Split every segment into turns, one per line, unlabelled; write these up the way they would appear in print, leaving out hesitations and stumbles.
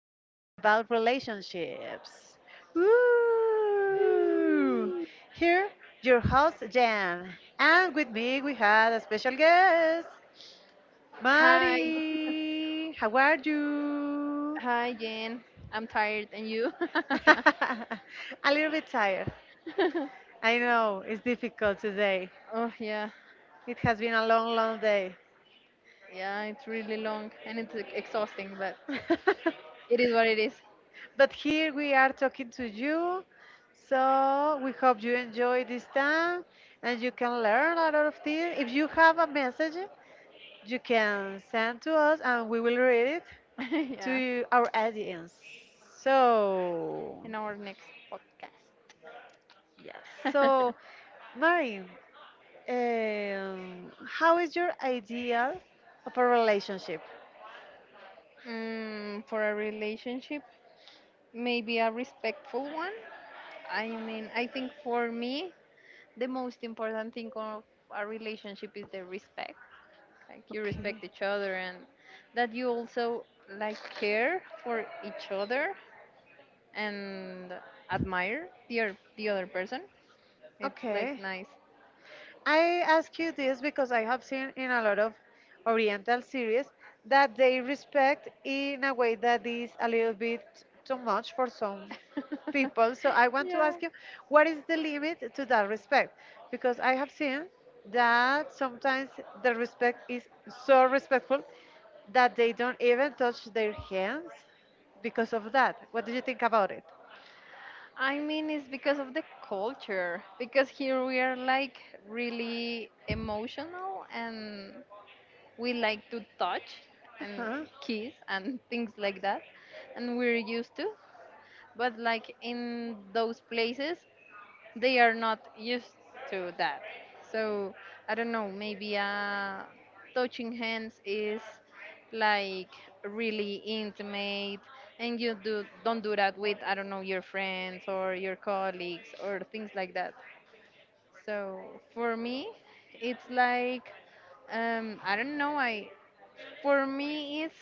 talking about relationships. Woo! Here, your host Jan, and with me we had a special guest,
Hi,
Mari. How are you?
hi, Jen. I'm tired, and you?
A little bit tired. I know it's difficult today.
Oh yeah,
It has been a long, long day.
yeah. It's really long and it's, like, exhausting, but it is what it is.
But here we are talking to you. So we hope you enjoy this time and you can learn a lot of things. If you have a message, you can send to us and we will read it
Yeah.
to our audience. So,
In our next podcast.
yes. So, Marin, how is your ideal of a relationship?
For a relationship, maybe a respectful one. I mean, I think for me, the most important thing of a relationship is the respect. Like, you
Okay.
respect each other, and that you also, like, care for each other and admire the other person. It's, like,
Okay.
nice.
I ask you this because I have seen in a lot of Oriental series that they respect in a way that is a little bit too much for some people. So I want to
Yeah,
ask you, what is the limit to that respect? Because I have seen that sometimes the respect is so respectful that they don't even touch their hands because of that. What do you think about it?
I mean it's because of the culture, because here we are, like, really emotional, and we like to touch
Uh
and
huh?
kiss and things like that, and we're used to, but like in those places they are not used to that. So I don't know, maybe touching hands is, like, really intimate, and you do don't do that with, I don't know, your friends or your colleagues or things like that. So for me, it's like, I don't know. I for me, it's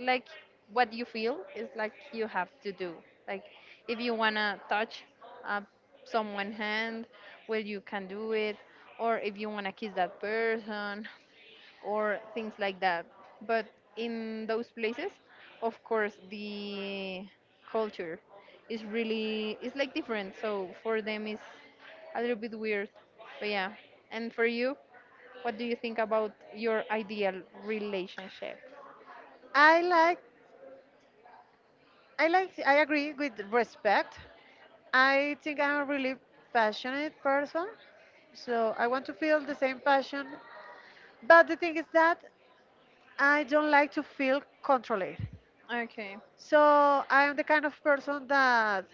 like what you feel is, like, you have to do. Like, if you want to touch uh, someone hand, well, you can do it, or if you want to kiss that person, or things like that. But in those places, of course, the culture is really it's, like, different. So for them it's a little bit weird. But yeah. And for you, what do you think about your ideal relationship?
I like, I like, I agree with respect. I think I'm a really passionate person, so I want to feel the same passion. But the thing is that I don't like to feel controlled.
Okay.
So I am the kind of person that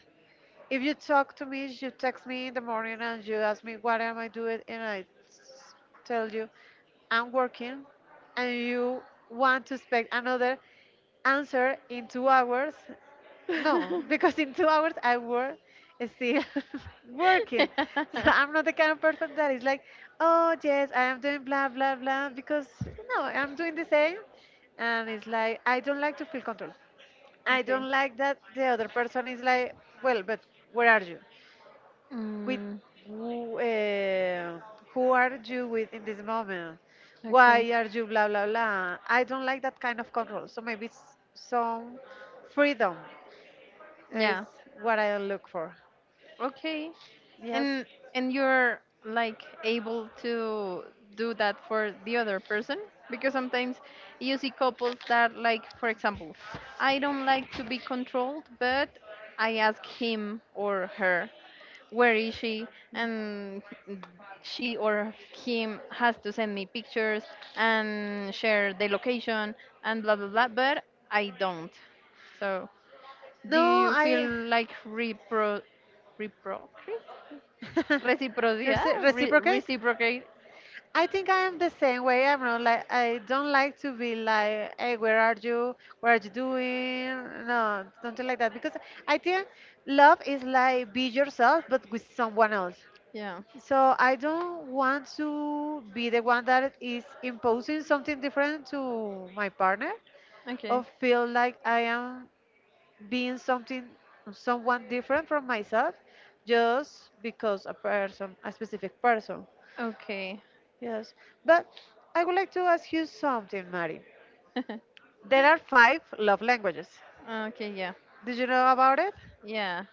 if you talk to me, you text me in the morning and you ask me what am I doing, and I s- tell you I'm working, and you want to expect another answer in 2 hours. No,
Okay.
because in 2 hours I work still working. So I'm not the kind of person that is like, oh yes, I am doing blah blah blah because no, I'm doing the same, and it's like I don't like to feel control. I don't like that the other person is like, well, but where are you? With
Mm,
who, uh, who are you with in this moment?
okay.
Why are you blah blah blah? I don't like that kind of control. So maybe some freedom is
Yeah.
what I look for.
Okay.
Yes.
And you're, like, able to do that for the other person, because sometimes you see couples that, like, for example, I don't like to be controlled, but I ask him or her where is she, and she or him has to send me pictures and share the location and blah blah blah, but I don't. So do
No,
you feel
I.
like reprocrit? Reciprocidad?
Reciprocate.
Re reciprocate?
I think I am the same way. I'm not like I don't like to be like, hey, where are you? What are you doing? No, something like that. Because I think love is like be yourself, but with someone else.
Yeah.
So I don't want to be the one that is imposing something different to my partner or
Okay.
feel like I am being something someone different from myself just because a specific person.
Okay.
Yes. But I would like to ask you something, Mari. There are five love languages.
Okay, yeah.
Did you know about it?
Yeah.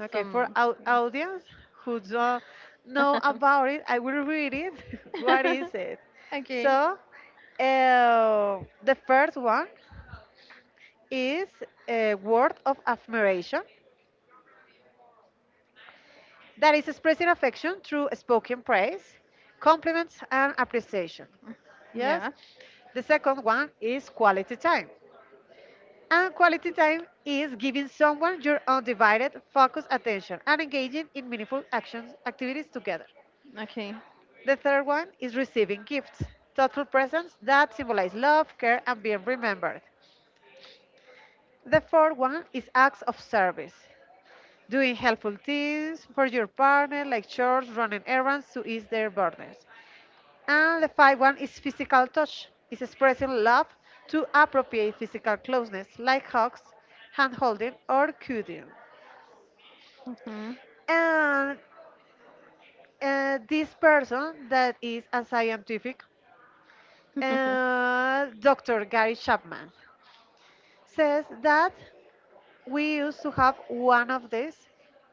Okay, for
Some.
our audience who don't know about it, I will read it. What is it?
Okay.
So, the first one is a word of affirmation that is expressing affection through spoken praise, compliments, and appreciation. Yes?
Yeah.
The second one is quality time. And quality time is giving someone your undivided focused attention and engaging in meaningful actions activities together.
Okay.
The third one is receiving gifts, thoughtful presents that symbolize love, care, and being remembered. The fourth one is acts of service, doing helpful things for your partner, like chores, running errands to ease their burdens. And the fifth one is physical touch, is expressing love to appropriate physical closeness, like hugs, hand holding, or cuddling.
Hmm.
And this person that is a scientific, Dr. Gary Chapman. Says that we used to have one of these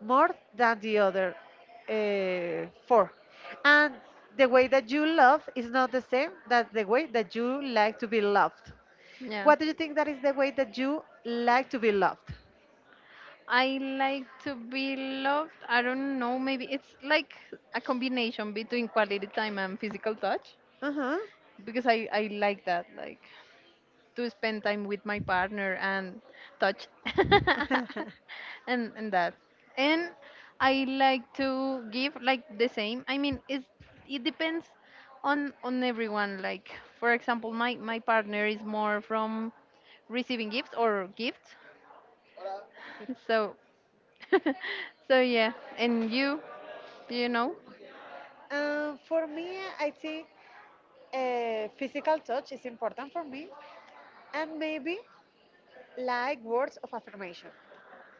more than the other four. And the way that you love is not the same that the way that you like to be loved.
Yeah.
What do you think that is the way that you like to be loved?
I like to be loved. I don't know. Maybe it's like a combination between quality time and physical touch,
Uh-huh.
because I like that. Like, to spend time with my partner and touch and that, and I like to give, like, the same. I mean, it depends on everyone. Like, for example, my partner is more from receiving gifts, or gifts, so so yeah. And you know?
For me, I think physical touch is important for me, and maybe like words of affirmation.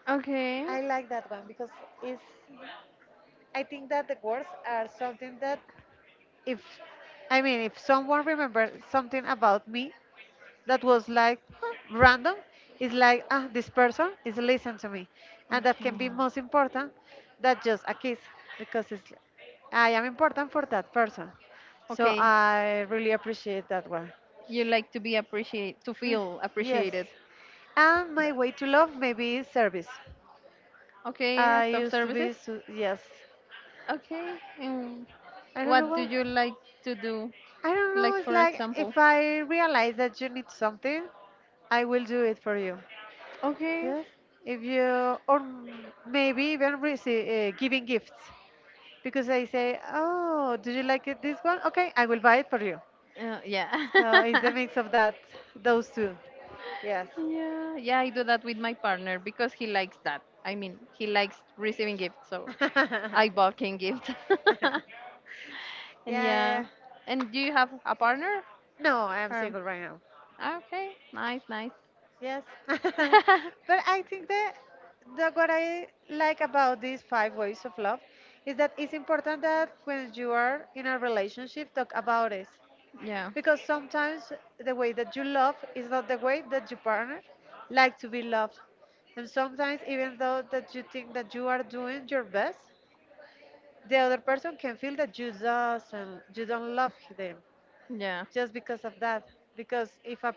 Okay.
I like that one because it's, I think that the words are something that if, I mean, if someone remembers something about me, that was like huh, random. It's like ah, this person is listening to me, and that can be
Okay.
most important than just a kiss, because it's I am important for that person, so
Okay,
I really appreciate that one.
you like to be appreciate, to feel
Yes,
appreciated.
and my way to love maybe is service.
Okay,
I
act of
used to
services.
be so, yes.
Okay, and
I don't know
what do
why.
you like to do?
I don't know,
Like,
it's
for
like
example.
if I realize that you need something, I will do it for you.
Okay.
Yes, if you or maybe even receive, giving gifts because I say, "Oh, do you like it, this one? Okay, I will buy it for you."
Yeah.
So it's the mix of that, those two. Yes.
Yeah, yeah, I do that with my partner because he likes that. I mean, he likes receiving gifts, so I bought him gifts.
Yeah,
And
yeah,
yeah.
yeah.
And do you have a partner?
No, I am
Or
single right now.
okay, nice, nice.
Yes. But I think that what I like about these five ways of love is that it's important that when you are in a relationship, talk about it,
Yeah,
because sometimes the way that you love is not the way that your partner like to be loved, and sometimes even though that you think that you are doing your best, the other person can feel that you don't love them
yeah.
just because of that. Because if a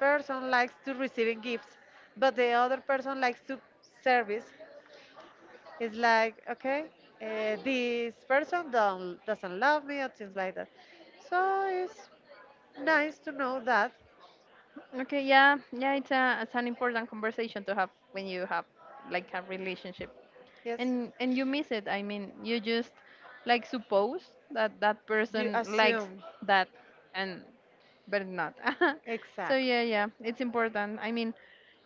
person likes to receiving gifts but the other person likes to service, it's like okay, this person don't, doesn't love me or things like that. So it's nice to know that.
Okay, yeah, yeah. It's an important conversation to have when you have, like, a relationship.
Yes.
And you miss it. I mean, you just, like, suppose that that
You
person likes
assume.
that, and but not. So
Exact.
yeah, yeah, it's important. I mean,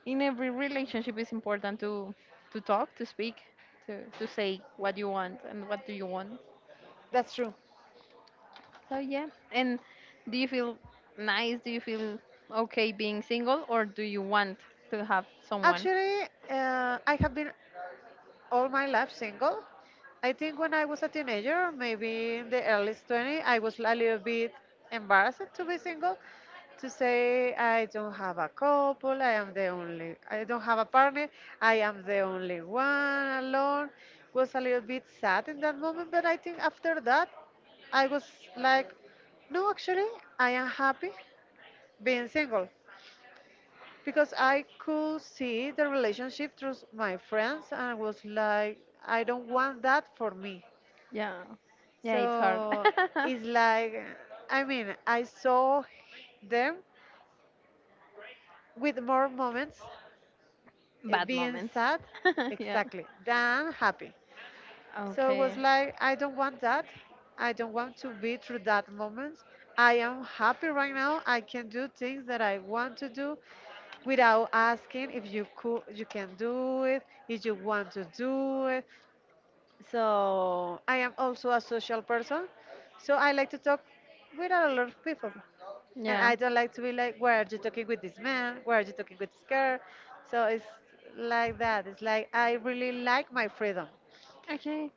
in every relationship it's important to talk, to speak, to say what you want and what do you want.
That's true.
So yeah. And do you feel do you feel okay being single, or do you want to have someone?
Actually, I have been all my life single. I think when I was a teenager, maybe in the early 20s, I was a little bit embarrassed to be single, to say I don't have a couple, I am the only, I don't have a partner, I am the only one alone. Was a little bit sad in that moment, but I think after that, I was like, no, actually, I am happy being single, because I could see the relationship through my friends and was like, I don't want that for me.
Yeah. Yeah, it's hard.
So it's like, I mean, I saw them with more moments eh,
Bad
being
moments.
sad,
Yeah.
exactly, than happy. So it was
Okay.
like, I don't want that. I don't want to be through that moment. I am happy right now. I can do things that I want to do without asking if you could, you can do it, if you want to do it. So I am also a social person. So I like to talk with a lot of people. And
Yeah.
I don't like to be like, where are you talking with this man? Where are you talking with this girl? So it's like that. It's like I really like my freedom.
Okay.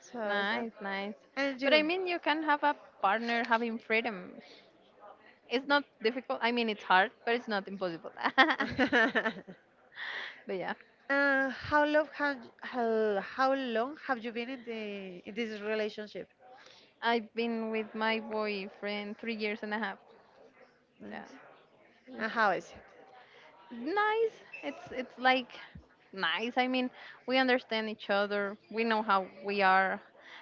So is that?
Nice, nice.
And
But I
you?
mean, you can have a partner having freedom. It's not difficult. I mean, it's hard, but it's not impossible. But yeah,
How long have you been in the in this relationship?
I've been with my boyfriend 3 years and a half. Yeah.
Nice. And
It's
how is it?
nice. It's, like, nice. I mean, we understand each other. We know how we are,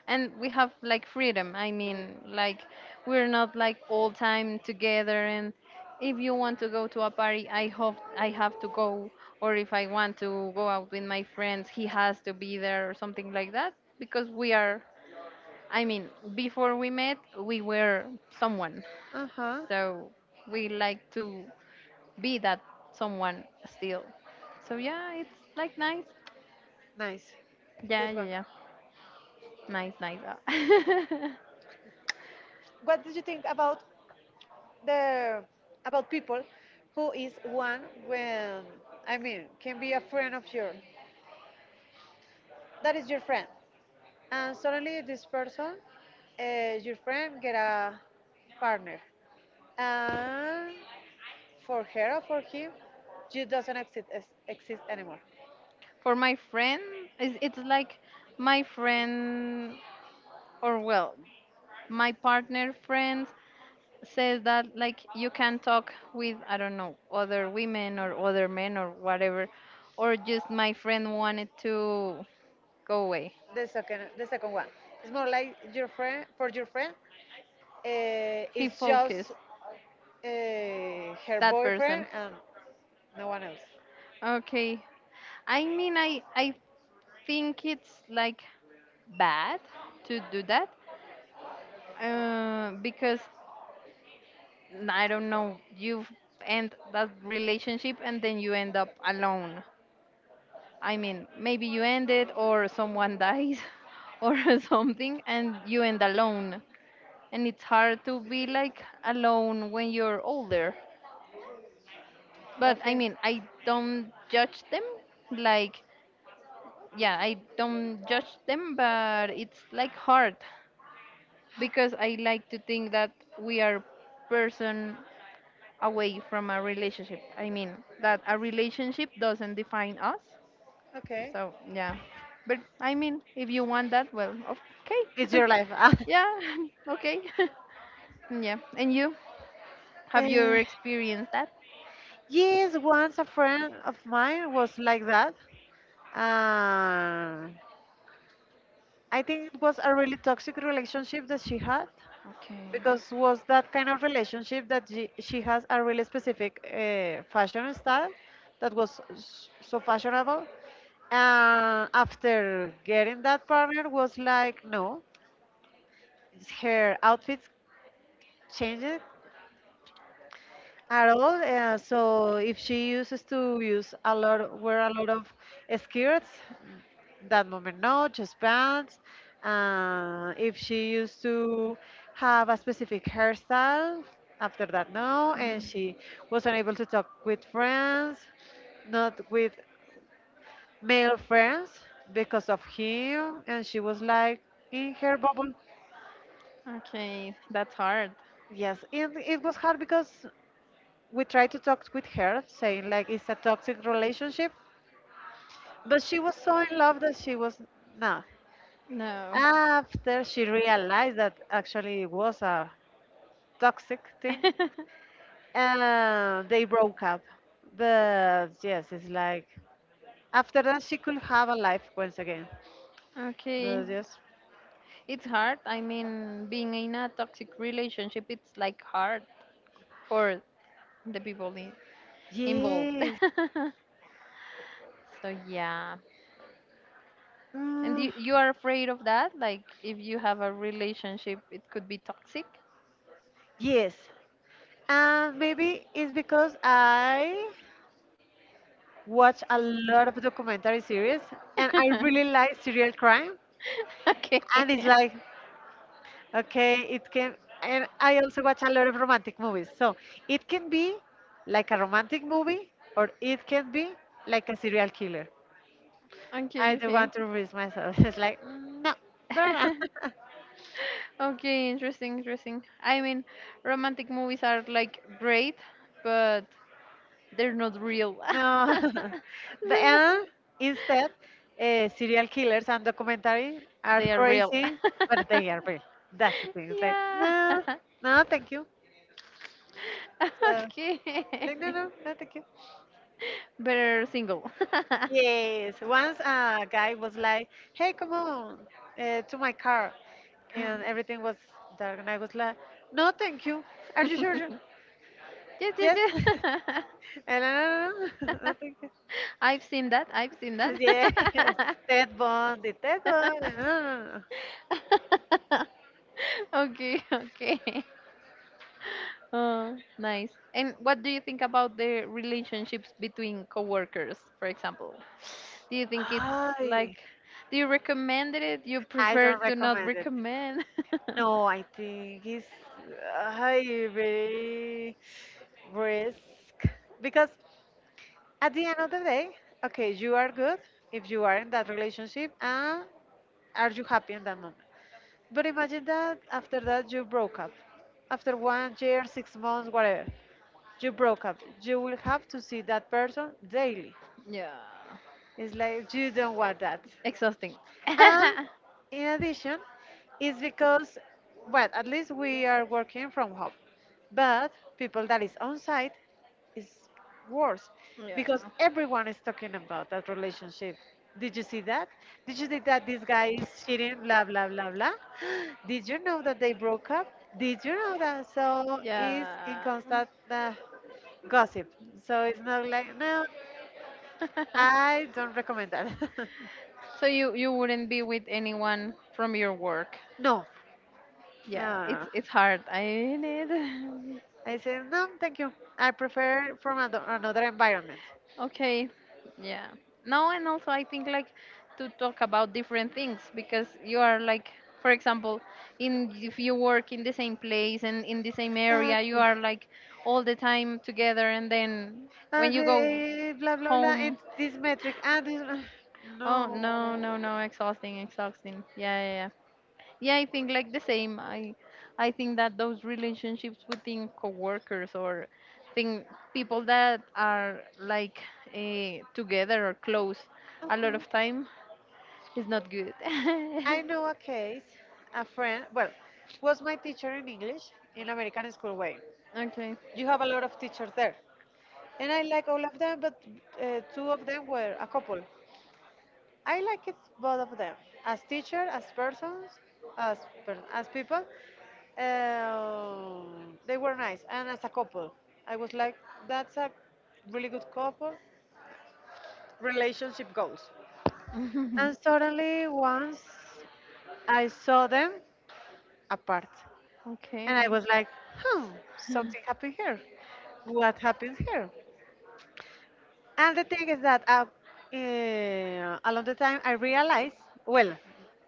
and we have, like, freedom. I mean, like, we're not, like, all time together. And if you want to go to a party, I hope I have to go. Or if I want to go out with my friends, he has to be there, or something like that. Because we are. I mean, before we met, we were someone.
Uh huh.
So we like to be that someone still. So yeah, it's, like, nice.
Nice.
Yeah,
Good
yeah,
one.
yeah. Nice, nice.
What did you think about the about people who is one when I mean can be a friend of yours? That is your friend, and suddenly this person, your friend, get a partner, and for her or for him, you doesn't exist anymore.
For my friend, it's, like, my friend, or, well, my partner friends, says that, like, you can talk with, I don't know, other women or other men or whatever, or just my friend wanted to go away.
The second one, it's more like your friend. For your friend,
He
it's just
focused
her
that
boyfriend
person.
and no one else.
Okay, I mean, I think it's, like, bad to do that, because, I don't know, you end that relationship and then you end up alone. I mean, maybe you end it, or someone dies or something, and you end alone. And it's hard to be, like, alone when you're older. But I
Okay,
mean,
I.
I don't judge them. Like, yeah, I don't judge them, but it's, like, hard, because I like to think that we are person away from a relationship. I mean, that a relationship doesn't define us.
Okay,
So yeah, but I mean, if you want that, well,
it's
okay.
your life. Ah.
Yeah. Okay. Yeah. And you, have you
uh,
ever experienced that?
yes, once a friend of mine was like that. uh, I think it was a really toxic relationship that she had,
Okay.
because was that kind of relationship that she has a really specific fashion style that was so fashionable. After getting that partner was like no, her outfits changed at all. So if she uses to use a lot, wear a lot of skirts, that moment no, just pants. If she used to have a specific hairstyle, after that no, and she was unable to talk with friends, not with male friends because of him, and she was like in her bubble.
Okay, that's hard.
Yes, it was hard because we tried to talk with her, saying like it's a toxic relationship, but she was so in love that she was not.
No.
After she realized that actually it was a toxic thing, they broke up. But yes, it's like after that she could have a life once again.
Okay.
But yes,
It's hard. I mean, being in a toxic relationship, it's, like, hard for the people involved.
yes,
So yeah. And
mm,
you are afraid of that? Like, if you have a relationship, it could be toxic?
yes, and maybe it's because I watch a lot of documentary series and I really like serial crime,
Okay.
and it's like okay it can, and I also watch a lot of romantic movies, so it can be like a romantic movie or it can be like a serial killer. I
Okay,
don't
okay.
want to risk myself. It's like "Mm, no girl no."
Okay, interesting, interesting. I mean, romantic movies are, like, great, but they're not real.
No. But
they
and instead, serial killers and documentary are
they are real.
crazy, but they are real. That's the thing. It's like
Yeah.
no, no thank you. So,
Okay.
like, no, no, no thank you.
Better single.
Yes, once a guy was like, hey, come on to my car. And everything was dark. And I was like, no, thank you. Are you sure?
Yeah, yeah,
Yes.
yeah.
and I, no, no, no, no, thank you.
I've seen that. I've seen that.
And yes, Ted Bundy, Ted Bundy. No, no, no.
Okay, okay. Oh, nice. And what do you think about the relationships between coworkers, for example? Do you think it's
I,
like, do you recommend it? You
I
prefer
don't
to not
recommend it.
recommend?
No, I think it's very risk because at the end of the day, okay, you are good if you are in that relationship and are you happy in that moment? But imagine that after that you broke up. After 1 year, 6 months, whatever, you broke up. You will have to see that person daily.
Yeah.
It's like you don't want that.
Exhausting.
And
Yeah.
in addition, it's because, well, at least we are working from home. But people that is on site is worse because everyone is talking about that relationship. Did you see that? Did you see that this guy is cheating? Blah blah blah blah. Did you know that they broke up? Did you know that? So it's in
Yeah.
constant gossip. So it's not like no, I don't recommend that.
So you wouldn't be with anyone from your work.
No.
Yeah, it's
No.
it's hard. I mean it.
I said, no, thank you. I prefer from another environment.
Okay, yeah. No, and also I think, like, to talk about different things because you are, like, for example, in if you work in the same place and in the same area, you
Exactly.
are, like, all the time together, and then when
And
you go
blah, blah, blah.
home,
It's this metric. And this,
oh
no.
no, no, no, exhausting, exhausting. Yeah, yeah, yeah. Yeah, I think, like, the same. I think that those relationships within coworkers, or thing people that are, like, together or close a lot
Mhm.
of time, is not good.
I know a case, a friend, well, was my teacher in English in American school way.
Okay.
You have a lot of teachers there. And I like all of them, but two of them were a couple. I like it both of them, as teacher, as persons, as as people. They were nice, and as a couple, I was like, that's a really good couple. Relationship goals. And suddenly, once I saw them apart, and I
Okay.
was like, hmm, something happened here. What happened here? And the thing is that along the time I realized, well,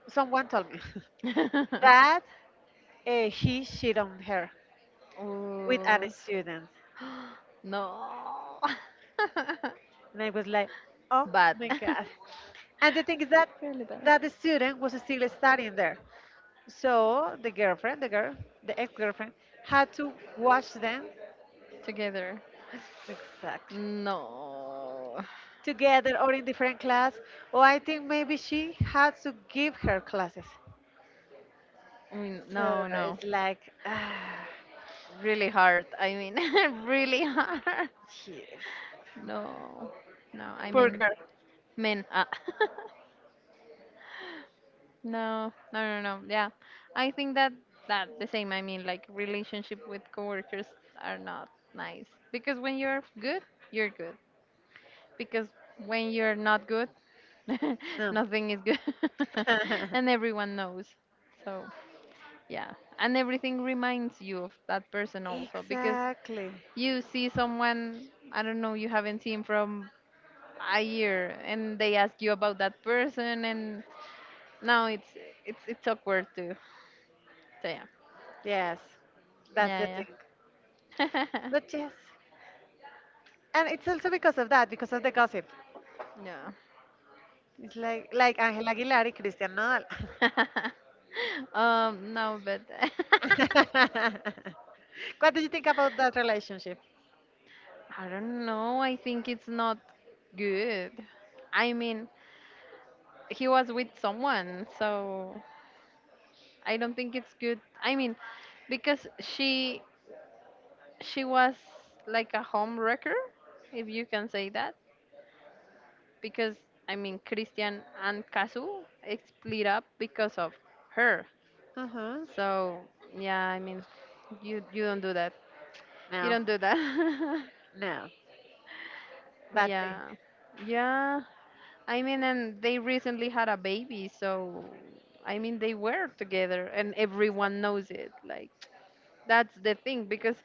someone told me that he cheated on her with an
Ooh.
student.
No.
And I was like, oh
Bad.
my God. And the thing is that that student was still studying there. So the girlfriend, the girl, the ex-girlfriend, had to watch them
Together.
exactly
No.
together or in different class. Or I think maybe she had to give her classes.
I mean,
So
no, no.
it's like, ah,
Really hard. I mean, really hard.
yes,
No. No, I
poor
mean,
girl.
men. Ah. No, no, no, no. Yeah. I think that the same. I mean, like, relationship with coworkers are not nice, because when you're good, you're good. Because when you're not good,
No.
nothing is good, and everyone knows. So, yeah, and everything reminds you of that person also because
Exactly.
you see someone, I don't know, you haven't seen from a year, and they ask you about that person, and now it's awkward too. So yeah,
Yes, that's the
yeah,
thing.
yeah,
But yes, and it's also because of that, because of the gossip.
yeah.
It's like Angel Aguilar and Cristian Nodal.
No, but.
What do you think about that relationship?
I don't know. I think it's not good. I mean, he was with someone, so I don't think it's good. I mean, because she was, like, a home wrecker, if you can say that. Because, I mean, Christian and Kazu split up because of her.
Uh-huh.
So yeah, I mean, you don't do that. You
No,
don't do that.
no, bad thing.
Yeah. Yeah. I mean, and they recently had a baby, so I mean, they were together and everyone knows it. Like, that's the thing, because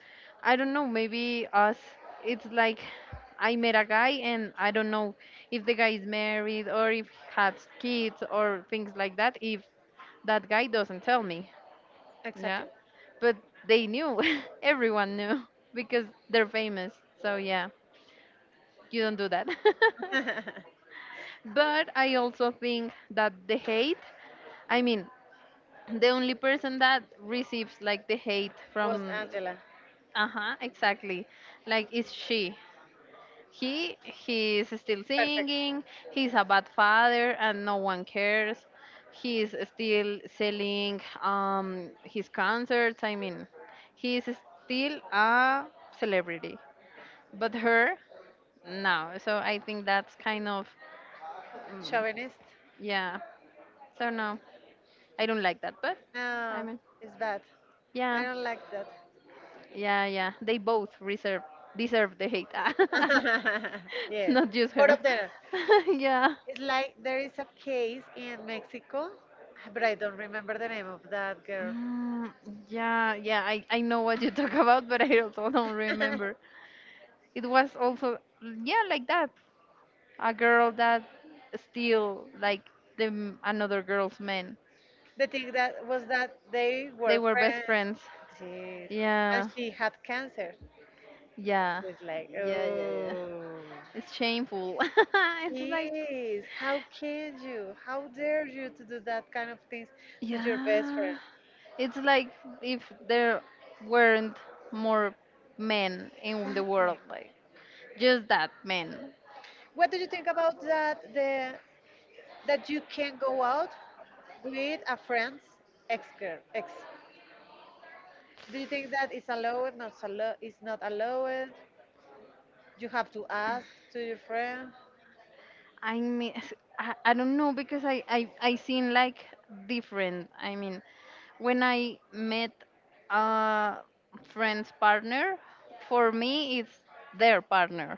I don't know, maybe us, it's like I met a guy and I don't know if the guy is married or if he has kids or things like that, if that guy doesn't tell me. Yeah.
Exactly.
But they knew, everyone knew because they're famous. So, yeah, you don't do that. But I also think that the hate, I mean, the only person that receives, like, the hate
Was
from,
Angela
uh huh, exactly, like, is she. He's still
perfect?
singing. He's a bad father, and no one cares. He's still selling his concerts. I mean,
He's
he's still
the
a celebrity.
celebrity, but
But
you
her, no. So I think that's kind of,
So I Chauvinist?
yeah. So no. I don't like that, but I
No,
mean,
it's bad. Yeah,
yeah,
I don't like that.
yeah, yeah. They both reserve deserve the hate.
Yes. Not
Not just
Both
her.
of them.
Yeah.
It's like there is a case in Mexico, but I don't remember the name of that girl.
Mm, yeah, yeah. I know what you talk about, but I also don't remember. It was also yeah, like that. A girl that still like the another girl's man.
The thing that was that they
They
were
were best
friends.
friends.
Jeez. Yeah. And
Yeah,
she had cancer.
yeah,
It's like,
yeah, yeah, yeah.
oh.
It's shameful. It's like.
Yes, how can you? How dare you to do that kind of things to your best
Yeah.
friend?
It's like if there weren't more men in the world,
Exactly.
like, just that men.
What do you think about that? The that you can go out with a friend's ex girl, ex. Do you think that is allowed? Not allowed? Is not allowed? You have to ask to your friend.
I mean, I don't know, because I seem, like, different. I mean, when I met a friend's partner, for me, it's their partner.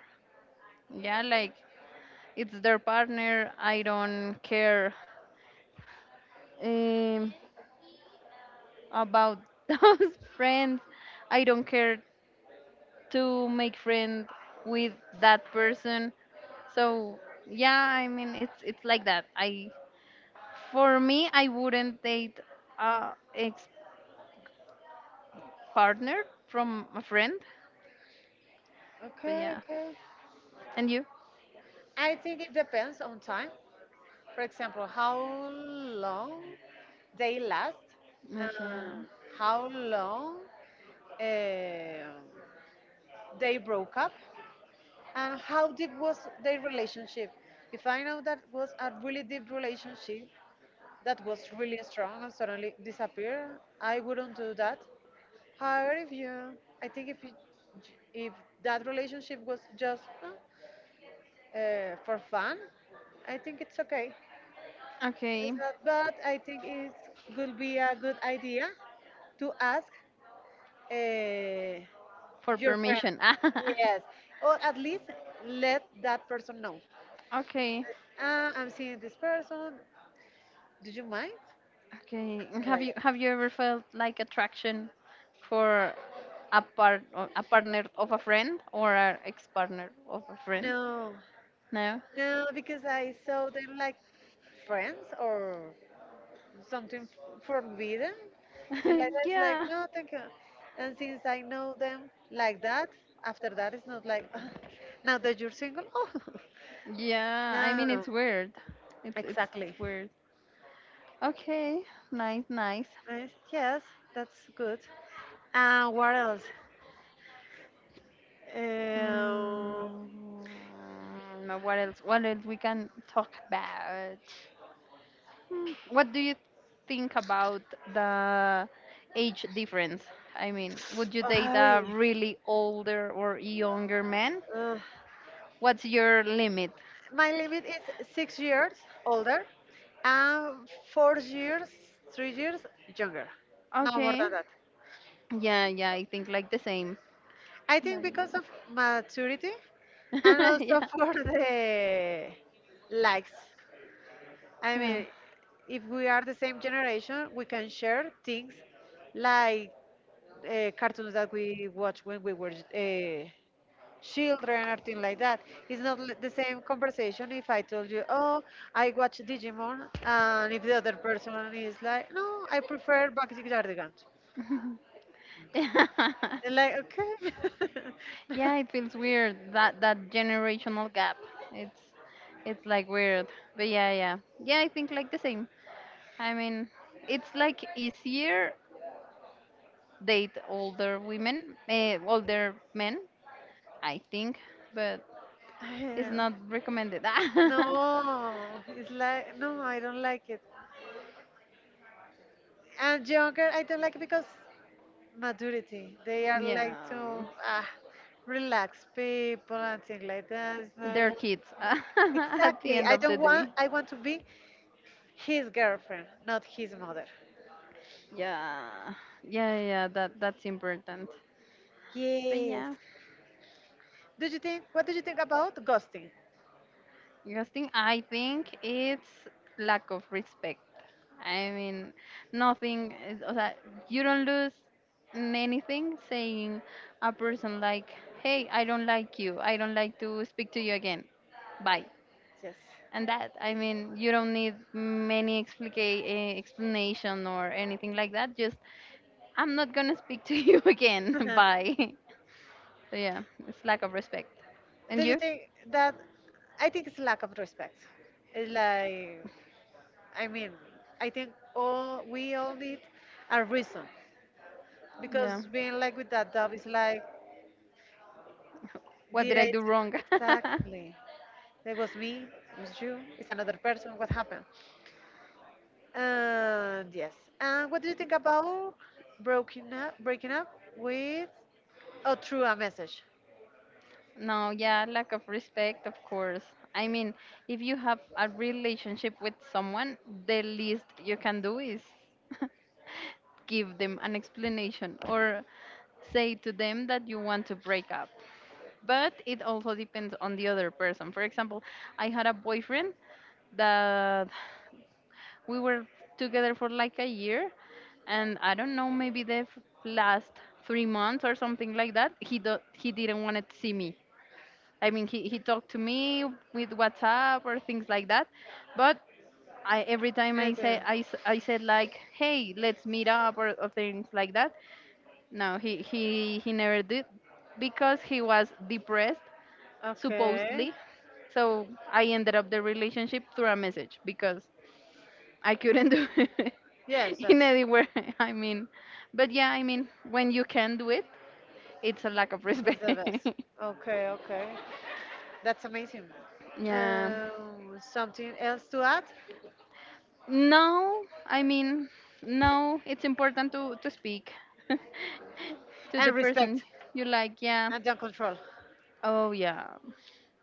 Yeah, like, it's their partner. I don't care um, about those friends. I don't care to make friend with that person. So yeah, I mean it's, like, that. I for me, I wouldn't date a ex partner from a friend. But
Okay,
yeah.
okay.
And you?
I think it depends on time. For example, how long they last,
Okay. Yeah.
and how long uh, they broke up and how deep was their relationship. If I know that was a really deep relationship that was really strong and suddenly disappear, I wouldn't do that. However if you i think if you, if that relationship was just for fun, I think it's okay.
Okay.
It's not bad. I think it could be a good idea to ask uh,
For
your friend.
permission.
Yes, or at least let that person know.
Okay.
I'm seeing this person. Do you mind?
Okay. and
Something
Have
like
you have
that.
you ever felt, like, attraction for a part a partner of a friend or an ex partner of a friend?
No,
No.
no, because I saw them like friends or something forbidden. Thing like that. It's like
Yeah.
no, thank you. And since I know them like that, after that it's not like now that you're single. Oh,
Yeah. I
no, no,
mean,
no.
it's weird. It's
Exactly.
weird. Okay. Nice. Nice.
Nice. Yes, that's good. And what else? Um,
Mm, now what else? What else we can talk about? What do you think about the age difference? I mean, would you date
I,
a really older or younger man?
uh,
What's your limit?
my limit is 6 years older and 4 years, 3 years younger. No more
Okay.
than that.
Yeah, yeah, I think, like, the same.
I think
Like,
because of maturity and
yeah.
also for the likes. I
Yeah.
mean, if we are the same generation, we can share things like cartoons that we watched when we were children or things like that. It's not the same conversation if I told you, oh, I watch Digimon, and if the other person is like, no, I prefer Bakuji Cardigans. And like, okay.
Yeah, it feels weird, that generational gap. It's it's, like, weird. But yeah, yeah. Yeah, I think, like, the same. I mean, it's, like, easier date older women, older men, I think, but it's
Yeah.
not recommended.
No, it's like, no, I don't like it. And younger, I don't like it because maturity. They are like to
Yeah,
ah, relax people and things like that. So,
their kids at the
exactly.
end
I
of the
don't
day.
want. I want to be his girlfriend, not his mother.
Yeah, yeah, yeah. That's important. But
Yes.
yeah.
Do you think? What do you think about ghosting?
Ghosting, I think it's lack of respect. I mean, nothing is, o sea, you don't lose anything saying a person, like, hey, I don't like you. I don't like to speak to you again. Bye.
Yes.
And that, I mean, you don't need many explanation or anything like that. Just, I'm not going to speak to you again. Bye. So yeah, it's lack of respect.
Do
And
you
you?
think that? I think it's lack of respect. It's like I mean, I think all we all need a reason
Yeah.
because being like with that dog is like,
What
did
did I
I
do
do
wrong?
exactly? That was me. It was you. It's another person. What happened? And yes. And what do you think about breaking up? Breaking up with or through a message?
No, yeah, lack of respect, of course. I mean, if you have a relationship with someone, the least you can do is give them an explanation or say to them that you want to break up. But it also depends on the other person. For example, I had a boyfriend that we were together for, like, a year, and I don't know, maybe the last 3 months or something like that, he didn't want to see me. I mean, he talked to me with WhatsApp or things like that. But I every time I
It
say
is.
I, s- I said, like, hey, let's meet up, or things like that. No, he never did because he was depressed
Okay.
supposedly. So I ended up the relationship through a message because I couldn't do it
Yes, that's
in anywhere. I mean, but yeah, I mean, when you can do it, it's a lack of
it's
respect.
the best. Okay, okay. That's amazing.
Yeah.
Something else to add?
No, I mean, no, it's important to speak to the
And
person
respect
you like, yeah.
and don't control.
Oh, yeah,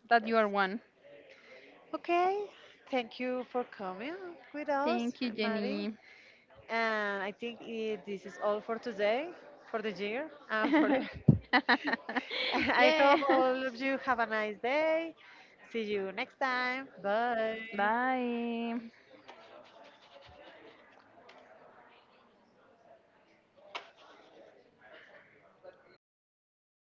that you are one.
Okay. Thank you for coming with us,
Thank you,
Maddie.
Jenny.
And I think it, this is all for today, for the year, and for the. I
Yeah.
hope all of you have a nice day. See you next time. Bye.
Bye.